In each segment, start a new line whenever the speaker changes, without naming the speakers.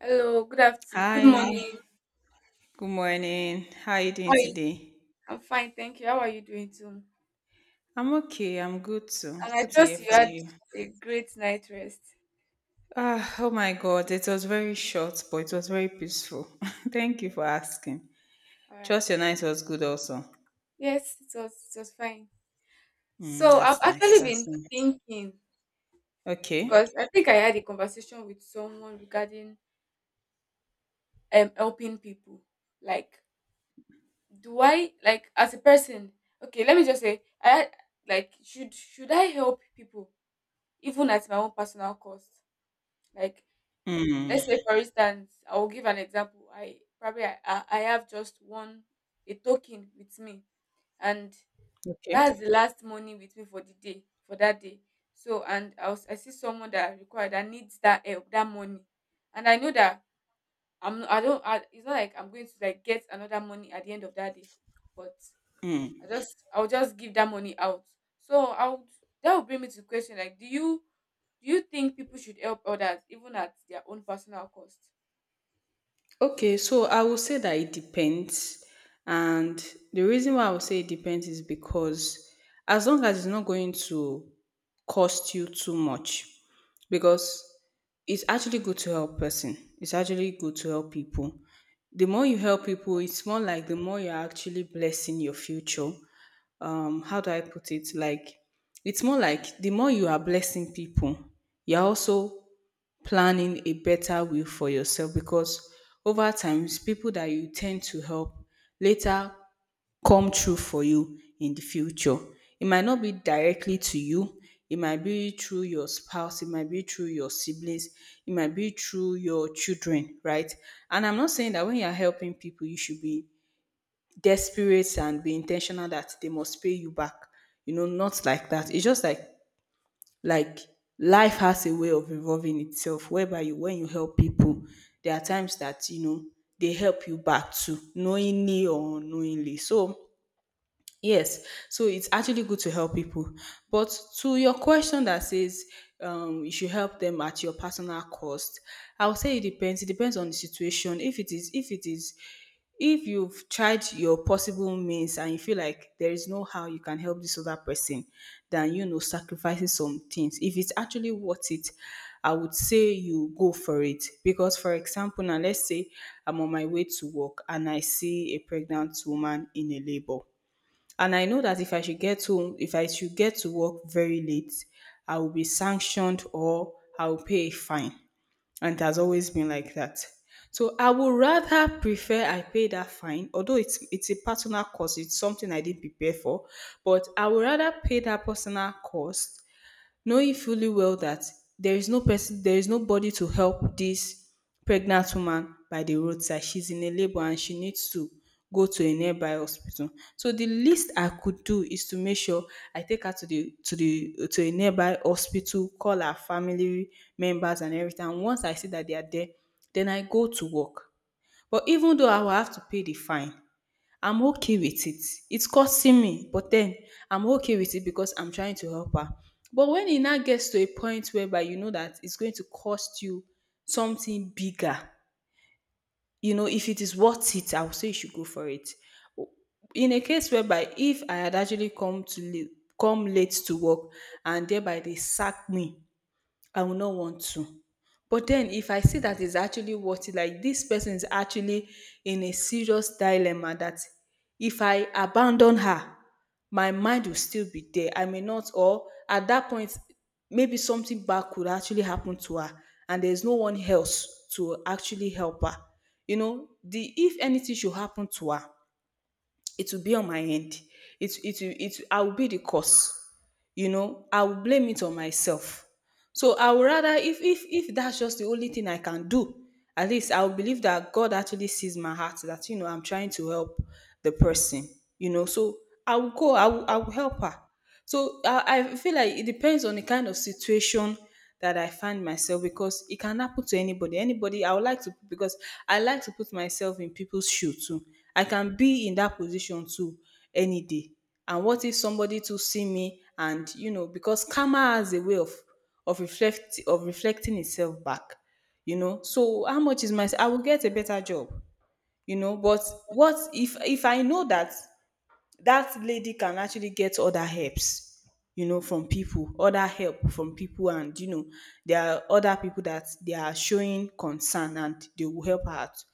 Hello, good afternoon, good
Hi,
morning.
good morning. How are you
How
doing
are you?
today?
I'm fine, thank you. How are you doing too? And
I'm okay. I'm good too.
I
Good to
trust
hear
you
from
had
you.
a great night rest.
Ah, oh my God, it was very short, but it was very peaceful. Thank you for asking.
All right.
Trust your night was good also.
Yes, it was fine.
Mm,
So I've
that's nice.
actually
That's
been
nice.
thinking
Okay.
because I think I had a conversation with someone regarding helping people. Like, do I like as a person? Okay, let me just say I like should I help people even at my own personal cost? Like, let's
Mm,
say, for instance, I will give an example. I probably I have just one a token with me, and
okay.
that's the last money with me for the day, for that day. So, I see someone that I require that needs that help, that money, and I know that I'm I don't I, it's not like I'm going to like get another money at the end of that day, but I'll just give that money out. So I'll that will bring me to the question like, do you think people should help others even at their own personal cost?
Okay, so I will say that it depends. And the reason why I will say it depends is because as long as it's not going to cost you too much, because it's actually good to help person. It's actually good to help people. The more you help people, it's more like the more you're actually blessing your future. How do I put it? Like it's more like the more you are blessing people, you're also planning a better will for yourself because over times people that you tend to help later come true for you in the future. It might not be directly to you, it might be through your spouse, it might be through your siblings, it might be through your children, right? And I'm not saying that when you're helping people, you should be desperate and be intentional that they must pay you back. You know, not like that. It's just like like life has a way of evolving itself whereby you when you help people there are times that you know they help you back too knowingly or unknowingly so. Yes, so it's actually good to help people. But to your question that says you should help them at your personal cost, I would say it depends. It depends on the situation. If it is, if it is, if you've tried your possible means and you feel like there is no how you can help this other person, then you know sacrificing some things. If it's actually worth it, I would say you go for it. Because for example, now let's say I'm on my way to work and I see a pregnant woman in a labor. And I know that if I should get home, if I should get to work very late, I will be sanctioned or I will pay a fine. And it has always been like that. So I would rather prefer I pay that fine, although it's a personal cost, it's something I didn't prepare for, but I would rather pay that personal cost knowing fully well that there is no person, there is nobody to help this pregnant woman by the roadside. She's in a labor and she needs to go to a nearby hospital. So the least I could do is to make sure I take her to the to a nearby hospital, call her family members and everything. And once I see that they are there, then I go to work. But even though I will have to pay the fine, I'm okay with it. It's costing me, but then I'm okay with it because I'm trying to help her. But when it now gets to a point whereby you know that it's going to cost you something bigger, you know, if it is worth it, I would say you should go for it. In a case whereby if I had actually come to late, come late to work and thereby they sack me, I will not want to. But then if I see that it's actually worth it, like this person is actually in a serious dilemma that if I abandon her, my mind will still be there. I may not, or at that point, maybe something bad could actually happen to her, and there's no one else to actually help her. You know, the if anything should happen to her, it will be on my end. It will- it I will be the cause. You know, I will blame it on myself. So I would rather if that's just the only thing I can do, at least I will believe that God actually sees my heart that you know I'm trying to help the person. You know, so I will go. I will help her. So I feel like it depends on the kind of situation that I find myself because it can happen to anybody. Anybody, I would like to, because I like to put myself in people's shoes too. I can be in that position too any day. And what if somebody to see me and, you know, because karma has a way of reflect of reflecting itself back, you know. So how much is my? I will get a better job, you know. But what if I know that that lady can actually get other helps you know from people, other help from people, and you know there are other people that they are showing concern and they will help her out.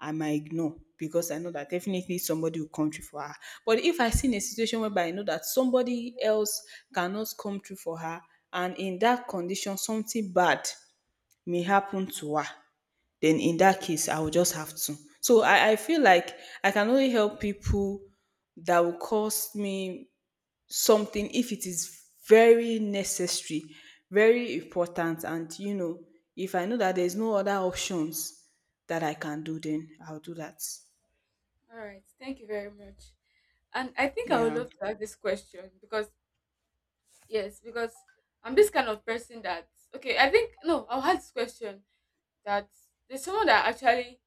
I might ignore because I know that definitely somebody will come through for her. But if I see in a situation whereby I know that somebody else cannot come through for her and in that condition something bad may happen to her, then in that case, I will just have to. So I feel like I can only help people that will cost me something if it is very necessary, very important, and you know, if I know that there's no other options that I can do, then I'll do that.
All right. Thank you very much. And I think I would
Yeah.
love to ask this question because, yes, because I'm this kind of person that, okay, I think no, I'll ask this question that there's someone that actually,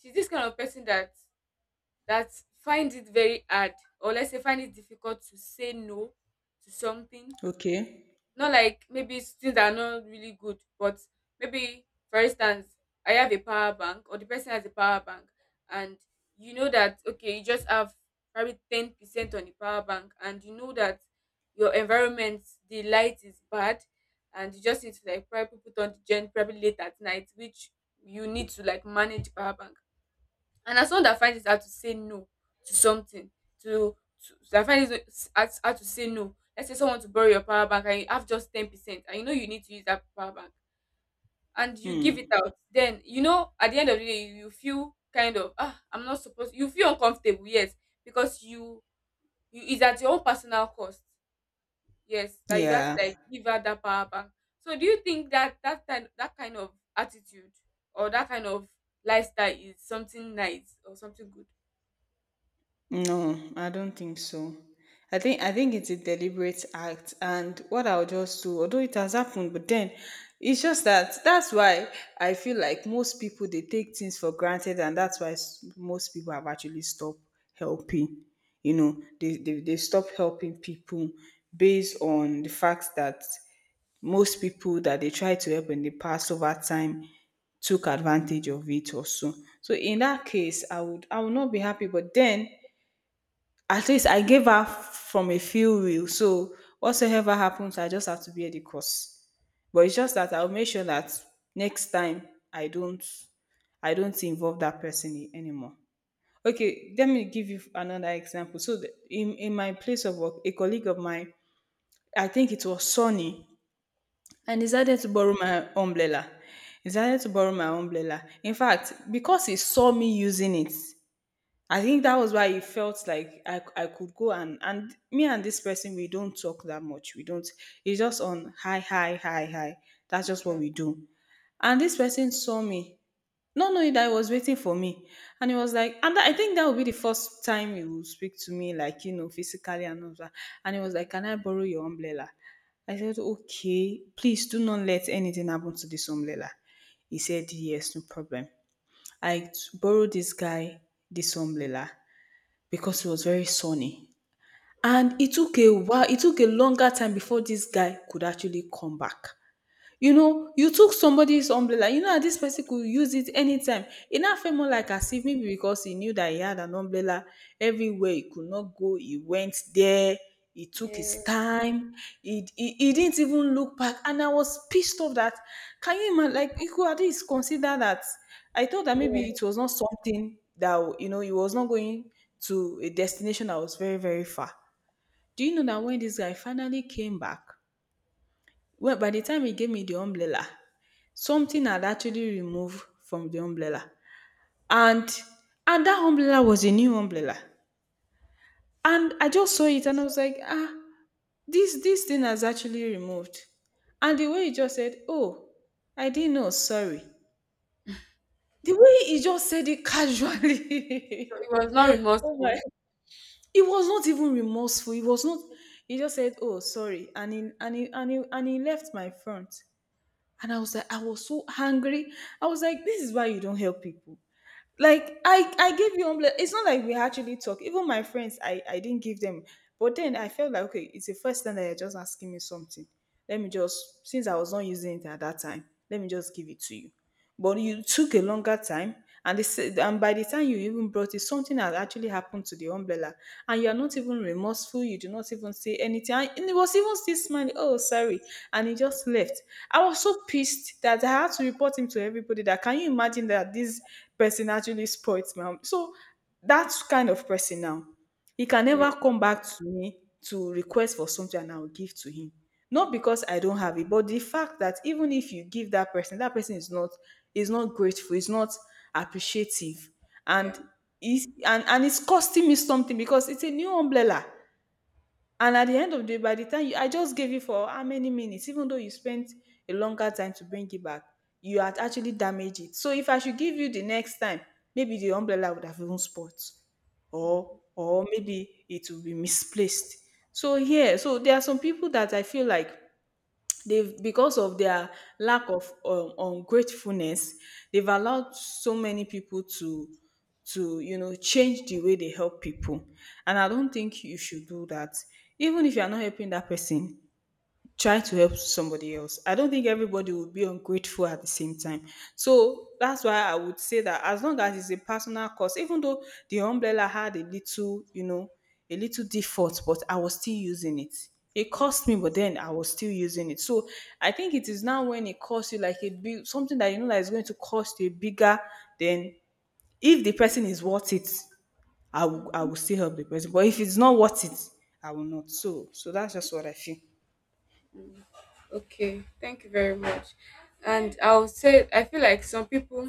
she's this kind of person that that finds it very hard, or let's say find it difficult to say no to something.
Okay.
Not like maybe it's things that are not really good, but maybe for instance, I have a power bank or the person has a power bank, and you know that okay, you just have probably 10% on the power bank, and you know that your environment, the light is bad, and you just need to like probably put on the gen probably late at night, which you need to like manage the power bank. And as someone that finds it hard to say no to something, to, to that finds it hard to say no. Let's say someone to borrow your power bank, and you have just 10%, and you know you need to use that power bank, and you give it
Hmm.
out. Then you know at the end of the day, you feel kind of, I'm not supposed. You feel uncomfortable, yes, because you is at your own personal cost, yes, that you have to
Yeah.
like give out that power bank. So do you think that that kind of attitude or that kind of lifestyle is something nice or something good?
No, I don't think so. I think it's a deliberate act, and what I'll just do, although it has happened, but then it's just that that's why I feel like most people they take things for granted, and that's why most people have actually stopped helping. You know, they stop helping people based on the fact that most people that they tried to help in the past over time took advantage of it also. So in that case, I would not be happy, but then at least I gave her from a few reels. So whatsoever happens, I just have to bear the cost. But it's just that I'll make sure that next time I don't involve that person anymore. Okay, let me give you another example. So in my place of work, a colleague of mine, I think it was Sonny, and
Yeah,
decided to borrow my umbrella. He decided to borrow my umbrella. In fact, because he saw me using it, I think that was why it felt like I could go and me and this person we don't talk that much. We don't. It's just on hi hi hi hi. That's just what
yeah,
we do. And this person saw me, not knowing that he was waiting for me, and he was like, and I think that would be the first time he would speak to me like you know physically and all that. And he was like, "Can I borrow your umbrella?" I said, "Okay, please do not let anything happen to this umbrella." He said, "Yes, no problem." I t- borrowed this guy this umbrella because it was very sunny.
yeah,
And it took a while, it took a longer time before this guy could actually come back. You know, you took somebody's umbrella. You know that this person could use it anytime. It now felt more like as if maybe because he knew that he had an umbrella everywhere he could not go, he went there, he took his
yeah,
time, he didn't even look back. And I was pissed off that, can you imagine, like, you could at least consider that. I thought that maybe
yeah.
it was not something that, you know, he was not going to a destination that was very, very far. Do you know that when this guy finally came back, well, by the time he gave me the umbrella, something had actually removed from the umbrella. And and that umbrella was a new umbrella. And I just saw it and I was like, ah, this thing has actually removed. And the way he just said, "Oh, I didn't know, sorry." The way he just said it
So
casually.
it was not
Oh my,
remorseful.
it was not even remorseful. It was not, he just said, "Oh, sorry." And he left my front. And I was like, I was so angry. I was like, this is why you don't help people. Like I gave you umbrella. It's not like we actually talk. Even my friends I didn't give them. But then I felt like, okay, it's the first time that you're just asking me something. Let me just, since I was not using it at that time, let me just give it to you. But you took a longer time, and by the time you even brought it, something had actually happened to the umbrella. And you are not even remorseful, you do not even say anything, and it was even still smiling, oh sorry. And he just left. I was so pissed that I had to report him to everybody that, can you imagine that this person actually spoilt my so, that kind of person now, he can
Yeah.
never come back to me to request for something and I'll give to him. Not
Mm.
because I don't have it, but the fact that even if you give that person, that person is not, it's not grateful. It's not appreciative, and
Yeah,
it's and it's costing me something because it's a new umbrella. And at the end of the day, by the time you, I just gave you for how many minutes, even though you spent a longer time to bring it back, you had actually damaged it. So if I should give you the next time, maybe the umbrella would have even spot, or maybe it will be misplaced. So here, so there are some people that I feel like they've, because of their lack of ungratefulness, they've allowed so many people to, you know, change the way they help people. And I don't think you should do that. Even if you are not helping that person, try to help somebody else. I don't think everybody will be ungrateful at the same time. So that's why I would say that, as long as it's a personal cost, even though the umbrella had a little, you know, a little default, but I was still using it. It
yeah.
cost me, but then I was still using it. So I think it is now when it costs you like a big something that you know that is going to cost you bigger. Then if the person is worth it, I will still help the person. But if it's not worth it, I will not. So that's just what I feel.
Mm-mm. Okay, thank you very much. And I'll say, I feel like some people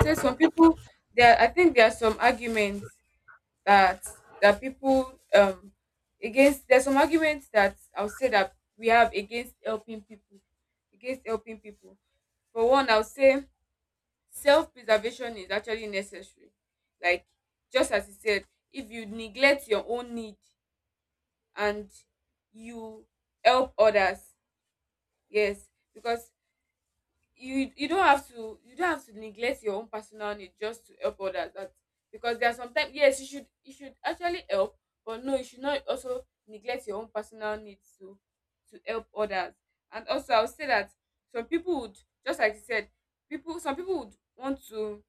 say, some people there, I think there are some arguments that that people, against. There's some arguments that I'll say that we have against helping people, against helping people. For one, I'll say self preservation is actually necessary, like, just as you said, if you neglect your own need and you help others, yes, because you don't have to you don't have to neglect your own personal need just to help others, that because there are sometimes, yes, you should actually help, but no, you should not also neglect your own personal needs to help others. And also I would say that some people would, just like you said, people, some people would want to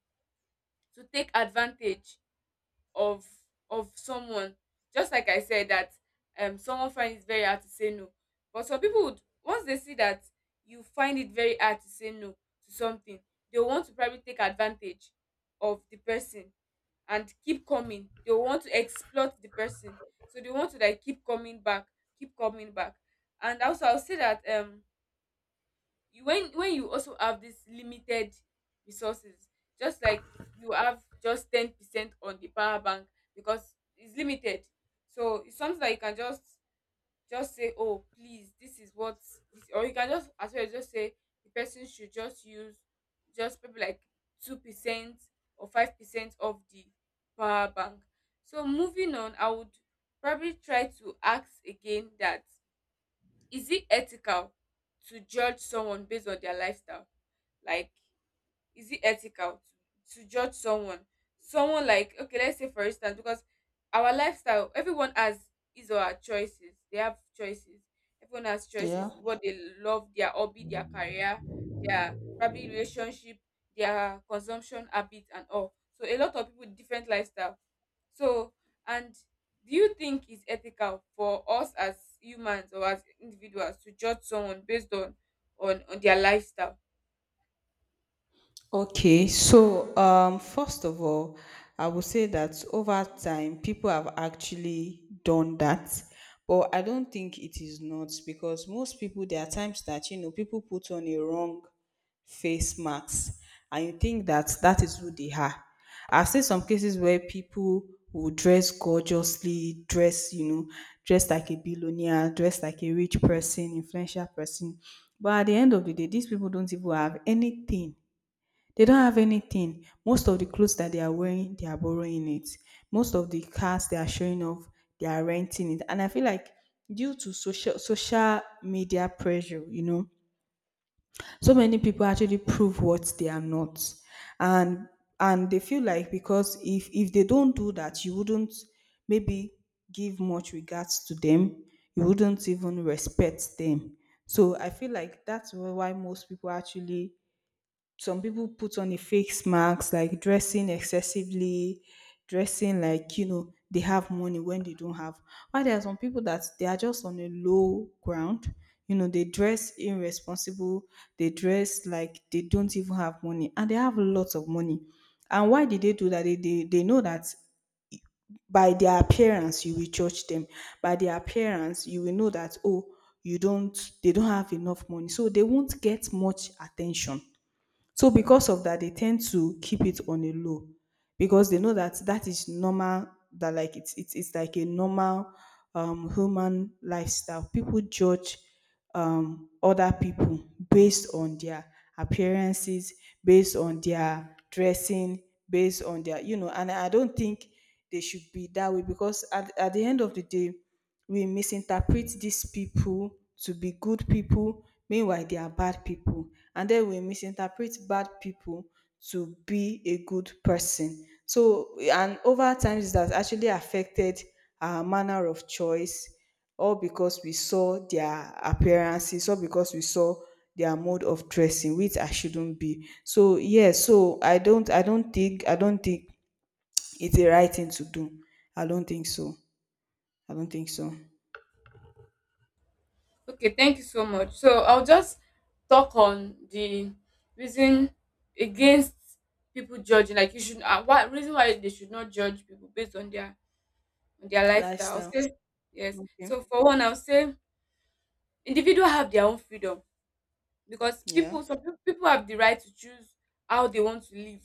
to take advantage of of someone, just like I said that, someone find it very hard to say no, but some people would, once they see that you find it very hard to say no to something, they want to probably take advantage of the person and keep coming, they want to exploit the person, so they want to like keep coming back, keep coming back. And also I'll say that, you when you also have this limited resources, just like you have just 10% on the power bank, because it's limited, so it's something that you can just say, oh please, this is what, this, or you can just as well just say the person should just use just maybe like 2% or 5% of the power bank. So moving on, I would probably try to ask again that, is it ethical to judge someone based on their lifestyle? Like, is it ethical to judge someone, like, okay, let's say for instance, because our lifestyle, everyone has his or her choices, they have choices, everyone has
Yeah.
choices, what they love, their hobby, their career, their, probably, relationship, their consumption habit and all, so a lot of people with different lifestyle, so, and do you think it's ethical for us as humans or as individuals to judge someone based on on their lifestyle?
Okay, so first of all, I would say that over time, people have actually done that, but I don't think it is, not because most people, there are times that you know people put on a wrong face masks and you think that that is who they are. I've seen some cases where people will dress gorgeously, dress, you know, dress like a billionaire, dress like a rich person, influential person. But at the end of the day, these people don't even have anything, they don't have anything. Most of the clothes that they are wearing, they are borrowing it. Most of the cars they are showing off, they are renting it. And I feel like due to social media pressure, you know, so many people actually prove what they are not. And they feel like because if they don't do that, you wouldn't maybe give much regards to them. You wouldn't even respect them. So I feel like that's why most people actually, some people put on a fake mask, like dressing excessively, dressing like, you know, they have money when they don't have. While there are some people that they are just on a low ground, you know, they dress irresponsible, they dress like they don't even have money, and they have lots of money. And why did they do that? They know that by their appearance you will judge them, by their appearance you will know that, oh, you don't they don't have enough money, so they won't get much attention. So because of that, they tend to keep it on a low, because they know that that is normal. That, like, it's like a normal human lifestyle. People judge other people based on their appearances, based on their dressing, based on their, you know. And I don't think they should be that way because at the end of the day, we misinterpret these people to be good people meanwhile they are bad people, and then we misinterpret bad people to be a good person. So, and over time it has actually affected our manner of choice, all because we saw their appearances, all because we saw their mode of dressing, which I shouldn't be. So yeah, so I don't think it's the right thing to do. I don't think so. I don't think so.
Okay, thank you so much. So I'll just talk on the reason against people judging. Like, you should, what reason why they should not judge people based on their lifestyle, I'll
Lifestyle.
say. Yes. So
Okay.
for one, I'll say individual have their own freedom, because
Yeah.
people, some peo- people have the right to choose how they want to live,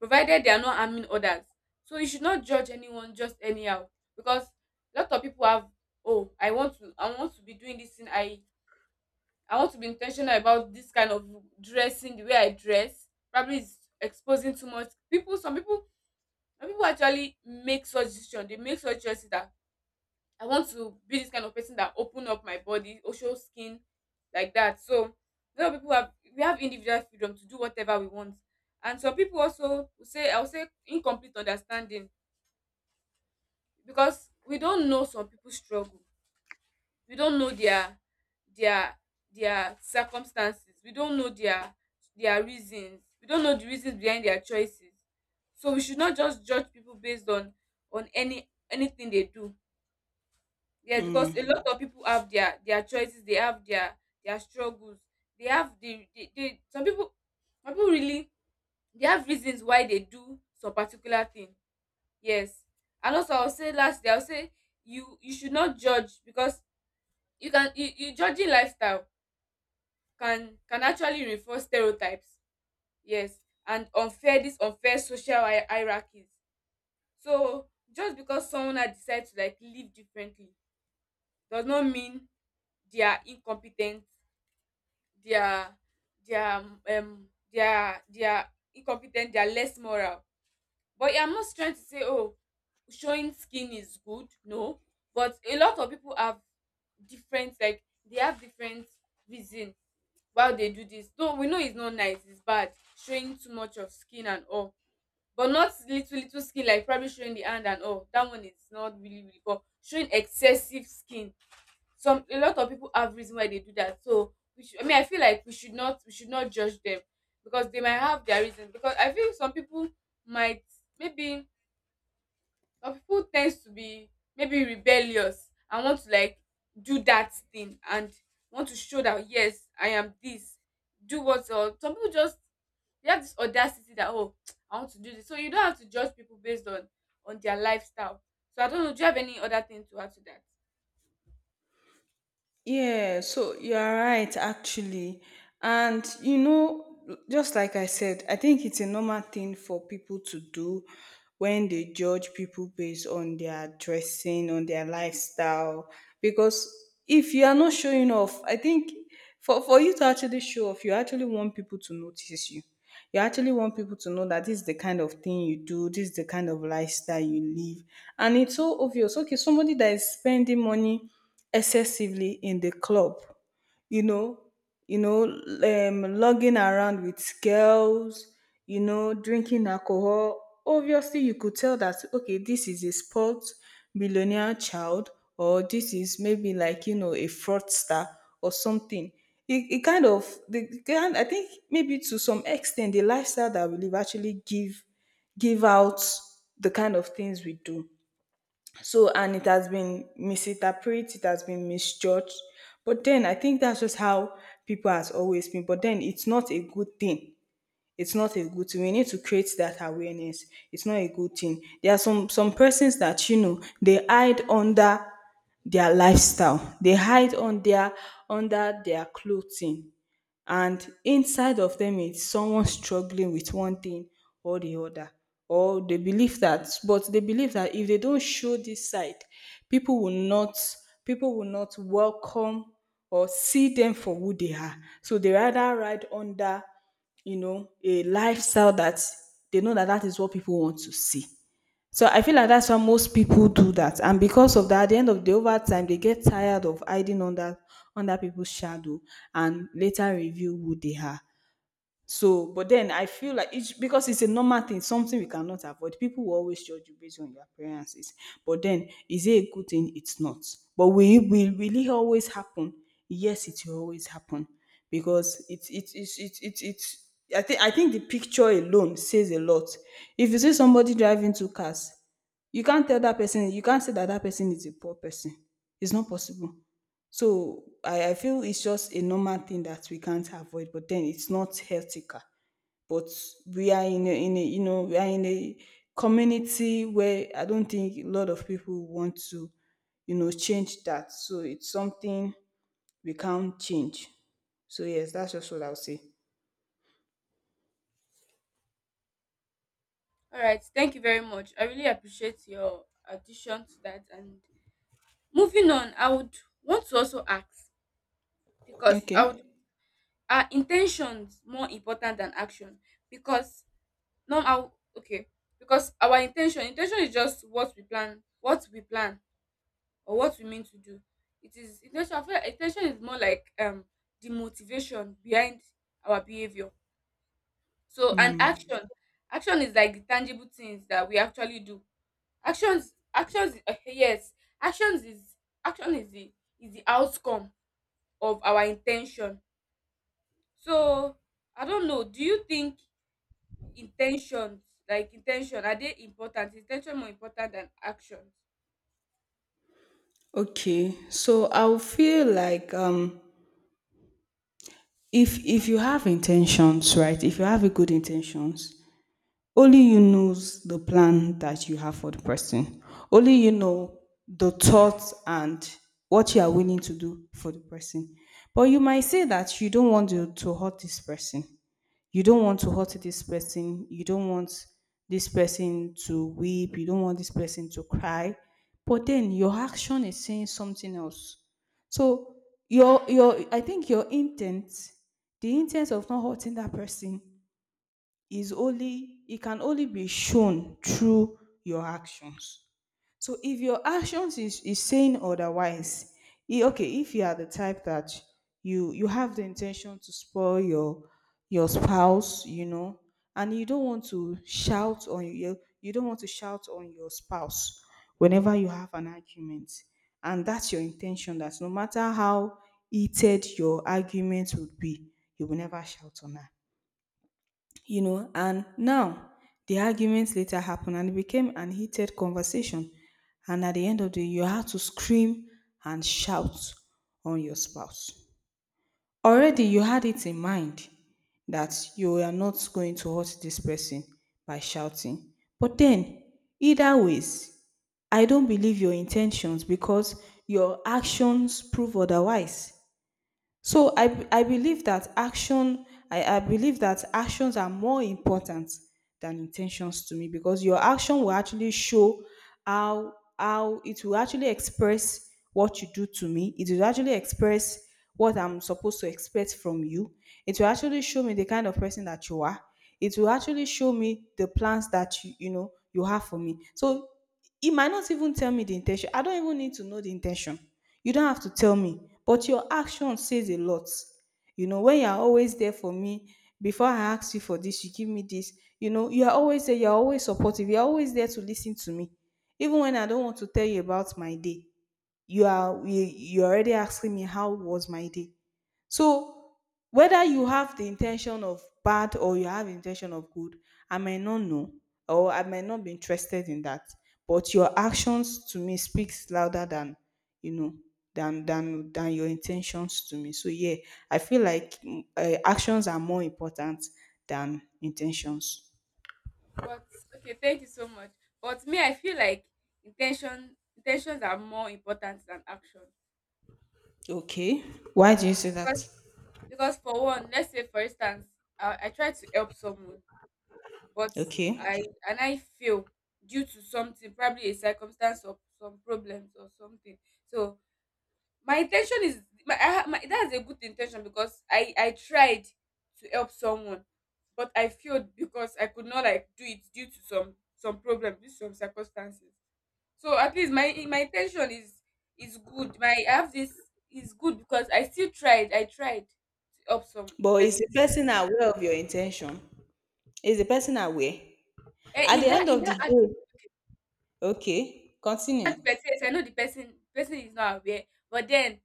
provided they are not harming others. So you should not judge anyone just anyhow, because a lot of people have, oh, I want to be doing this thing, I want to be intentional about this kind of dressing, the way I dress. Probably it's exposing too much. People, some people actually make such decision. They make such choices that I want to be this kind of person that open up my body, or show skin like that. So a lot of people have individual freedom to do whatever we want. And some people also will say, I will say, incomplete understanding, because we don't know some people's struggle we don't know their their their circumstances, we don't know their reasons, we don't know the reasons behind their choices, so we should not just judge people based on anything they do. Yes, because
Mm.
a lot of people have their choices, they have their struggles, they have they, some people, really, they have reasons why they do some particular thing, yes. And also I'll say lastly I'll say you you should not judge, because you can, you judging lifestyle can actually reinforce stereotypes, yes, and unfair, this unfair social hierarchies. So just because someone had decided to like live differently does not mean they are incompetent, they are, they are they are incompetent, they are less moral. But I'm not trying to say, oh, showing skin is good, no, but a lot of people have different, like they have different reason while they do this, though we know it's not nice, it's bad, showing too much of skin and all, but not little, little skin, like probably showing the hand and all that, one is not really, really, but showing excessive skin, some a lot of people have reason why they do that, so we should, I mean, I feel like we should not judge them, because they might have their reasons, because I feel might maybe some people tends to be, maybe, rebellious and want to like do that thing, and want to show that, yes, I am this, do what, or some people just, they have this audacity that, oh, I want to do this. So you don't have to judge people based on their lifestyle. So I don't know, do you have any other thing to add to that?
Yeah, so you are right, actually. And you know, just like I said, I think it's a normal thing for people to do when they judge people based on their dressing, on their lifestyle. Because if you are not showing off, I think for you to actually show off, you actually want people to notice you. You actually want people to know that this is the kind of thing you do, this is the kind of lifestyle you live. And it's so obvious. Okay, somebody that is spending money excessively in the club, you know, you know, lugging around with girls, you know, drinking alcohol. Obviously, you could tell that, okay, this is a sports millionaire child, or this is maybe like you know a fraudster or something. It kind of, the kind I think, maybe to some extent, the lifestyle that we live actually give give out the kind of things we do. So, and it has been misinterpreted, it has been misjudged. But then I think that's just how people has always been. But then it's not a good thing. It's not a good thing. We need to create that awareness. It's not a good thing. There are some persons that you know they hide under their lifestyle. They hide on their under their clothing, and inside of them is someone struggling with one thing or the other. Or they believe that, but they believe that if they don't show this side, people will not, people will not welcome or see them for who they are, so they rather ride under, you know, a lifestyle that they know that that is what people want to see. So I feel like that's why most people do that. And because of that, at the end of the day, over time, they get tired of hiding under under people's shadow and later reveal who they are. So, but then I feel like it's, because it's a normal thing, something we cannot avoid. People will always judge you based on your appearances. But then, is it a good thing? It's not. But will it, will it always happen? Yes, it will always happen because it's I think the picture alone says a lot. If you see somebody driving two cars, you can't tell that person. You can't say that that person is a poor person. It's not possible. So I feel it's just a normal thing that we can't avoid, but then it's not healthier. But we are in a you know, we are in a community where I don't think a lot of people want to, you know, change that. So it's something we can't change. So yes, that's just what I'll say.
All right, thank you very much, I really appreciate your addition to that. And moving on, I would want to also ask, because
Okay.
I would are intentions more important than action? Because, no how, okay, because our intention is just what we plan, what we plan or what we mean to do. It is intention. I feel like in is more like, the motivation behind our behaviour. So, and
Mm,
action, action is like the tangible things that we actually do. Yes, actions is action is the outcome of our intention. So I don't know, do you think intentions, like, intention, are they important, is intention more important than actions?
okay. So I feel like if you have intentions, right? If you have a good intentions, only you knows the plan that you have for the person. Only you know the thoughts and what you are willing to do for the person. But you might say that you don't want to, hurt this person. You don't want to hurt this person. You don't want this person to weep. You don't want this person to cry. But then your action is saying something else. So your I think your intent, the intent of not hurting that person is only, it can only be shown through your actions. So if your actions is saying otherwise, okay, if you are the type that you have the intention to spoil your spouse, you know, and you don't want to shout on your, you don't want to shout on your spouse whenever you have an argument, and that's your intention, that no matter how heated your argument would be, you will never shout on her, you know, and now the arguments later happened and it became an heated conversation. And at the end of the day, you had to scream and shout on your spouse. Already you had it in mind that you are not going to hurt this person by shouting. But then, either ways, I don't believe your intentions because your actions prove otherwise. So I believe that action, I believe that actions are more important than intentions to me because your action will actually show how it will actually express what you do to me. It will actually express what I'm supposed to expect from you. It will actually show me the kind of person that you are. It will actually show me the plans that you have for me. So it might not even tell me the intention. I don't even need to know the intention. You don't have to tell me, but your action says a lot. You know, when you're always there for me, before I ask you for this, you give me this. You know, you're always there, you're always supportive, you're always there to listen to me. Even when I don't want to tell you about my day, you're already asking me how was my day. So whether you have the intention of bad or you have intention of good, I may not know, or I may not be interested in that. But your actions to me speaks louder than you know than your intentions to me. So yeah, I feel like actions are more important than intentions.
But, okay, thank you so much, but me, I feel like intentions are more important than action.
Okay, why do you say
because
that?
because for one, let's say, for instance, I try to help someone, but
Okay,
i I fail, due to something, probably a circumstance or some problems or something. So my intention is my, I, ha- my that's a good intention, because I tried to help someone, but I failed because I could not like do it due to some problem, due to some circumstances. So at least my intention is good. My, I have this is good because I still tried. I tried to help some the
but is
person.
the person aware of your intention? Is the person aware?
And
At
in
the
that
end
in
of the
that as-
day, okay, continue.
aspect, yes, I know the person is not aware, but then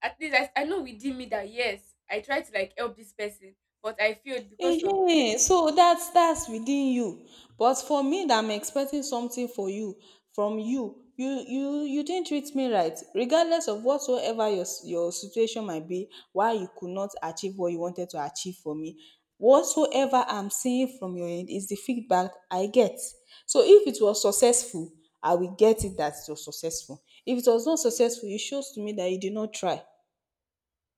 at least I know within me that, yes, I tried to like help this person, but I failed because of,
Ehen, so that's within you. But for me that I'm expecting something for you from you, you didn't treat me right. Regardless of whatsoever your situation might be, why you could not achieve what you wanted to achieve for me. Whatsoever I'm seeing from your end is the feedback I get. So if it was successful, I will get it that it was successful. If it was not successful, it shows to me that you did not try.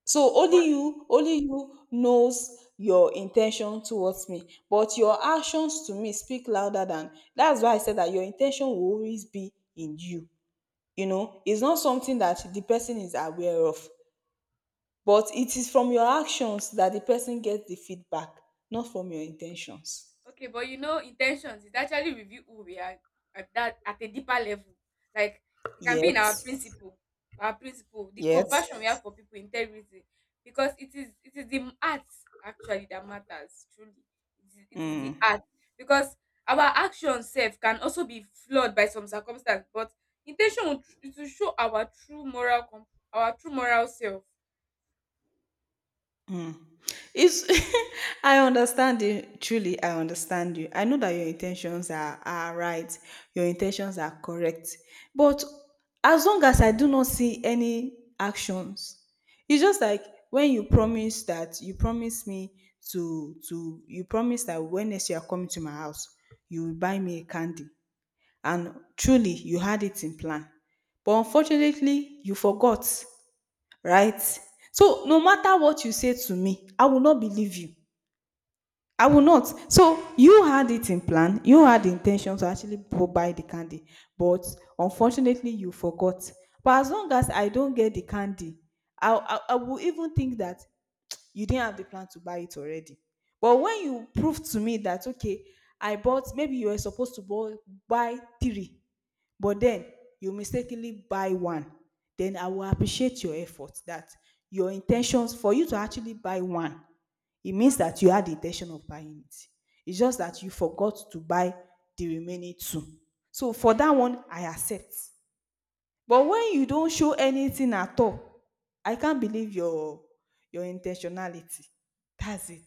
So
but,
only you knows your intention towards me. But your actions to me speak louder than, that's why I said that your intention will always be in you. You know, it's not something that the person is aware of, but it is from your actions that the person gets the feedback, not from your intentions.
okay, but intentions, it actually reveal who we are at that at a deeper level. Like, it can be in our
Yes.
principle, the
Yes.
compassion we have for people, integrity, because it is the art actually that matters. Truly, it is the
Mm.
art, because our actions self can also be flawed by some circumstance, but intention will, it will show our true moral, our true moral self.
It's I understand you. Truly, I understand you. I know that your intentions are right. Your intentions are correct. But as long as I do not see any actions, it's just like when you promise that you promise me to you promise that when next you are coming to my house, you will buy me a candy. And truly, you had it in plan. But unfortunately, you forgot, right? So no matter what you say to me, I will not believe you. I will not. So you had it in plan, you had the intention to actually go buy the candy, but unfortunately you forgot. But as long as I don't get the candy, I will even think that you didn't have the plan to buy it already. But when you prove to me that, okay, I bought, maybe you were supposed to buy, buy three, but then you mistakenly buy one, then I will appreciate your effort that your intentions for you to actually buy one, it means that you had the intention of buying it. It's just that you forgot to buy the remaining two. So for that one, I accept. But when you don't show anything at all, I can't believe your intentionality. That's it.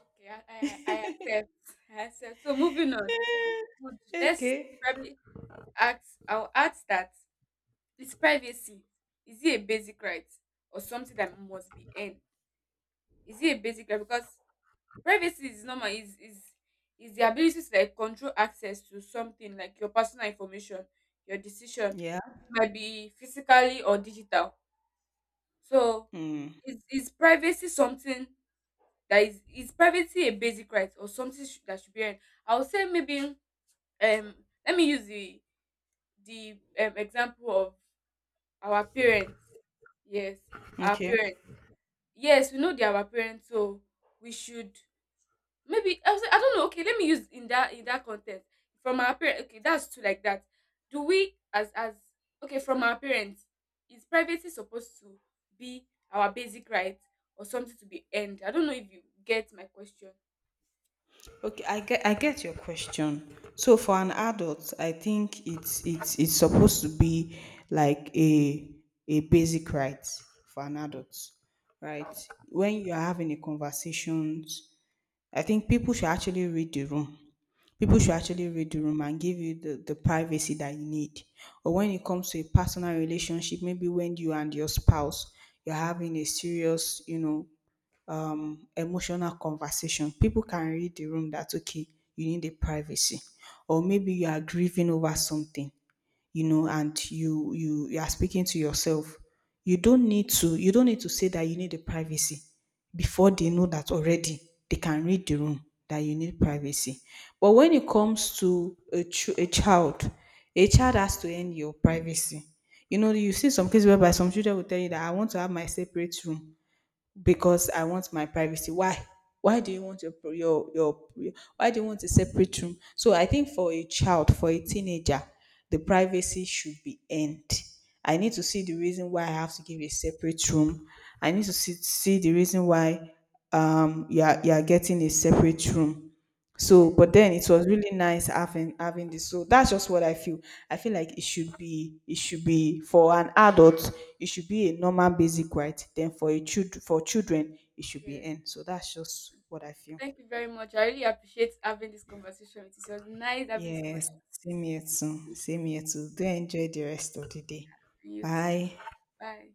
Okay, I accept. I accept. So moving on, Would- let's
Okay.
probably add I'll add that, is privacy is it a basic right or something that must be earned? Is it a basic right? Because privacy is normal. Is the ability to like control access to something like your personal information, your decision, it
Yeah.
might be physically or digital. So
Hmm.
is privacy something that is privacy a basic right or something that should be earned? I would say maybe, um let me use the, example of our parents. Yes, our
Okay.
parents. Yes, we know they are our parents, so we should, I don't know. Okay, let me use in that, in that context, from our parents. Okay, that's true. Like that, do we as, okay, from our parents, is privacy supposed to be our basic right or something to be earned? I don't know if you get my question.
Okay, I get your question. So for an adult, I think it's supposed to be like a basic right for an adult, right? When you are having a conversations, I think people should actually read the room. People
All
should
right.
actually read the room and give you the privacy that you need. Or when it comes to a personal relationship, maybe when you and your spouse you're having a serious, you know, emotional conversation. People can read the room that okay, you need a privacy, or maybe you are grieving over something, you know, and you are speaking to yourself. You don't need to you don't need to say that you need a privacy before they know that already they can read the room that you need privacy. But when it comes to a, a child has to end your privacy. You know, you see some cases whereby some children will tell you that I want to have my separate room
Mm.
because I want my privacy. Why? Why do you want your why do you want a separate room? So I think for a child, for a teenager, the privacy should be end. I need to see the reason why I have to give a separate room. I need to see, see the reason why you are getting a separate room. So,
Yes,
but then it was really nice having having this. So that's just what I feel. I feel like it should be for an adult, it should be a normal basic right. Then for a child for children, it should be
yes.
N. So that's just what I feel.
Thank you very much, I really appreciate having this conversation with you. It was nice having this
Yes,
conversation with
same here too.
you.
Same here too. Do enjoy the rest of the day.
You too.
Bye.
Bye.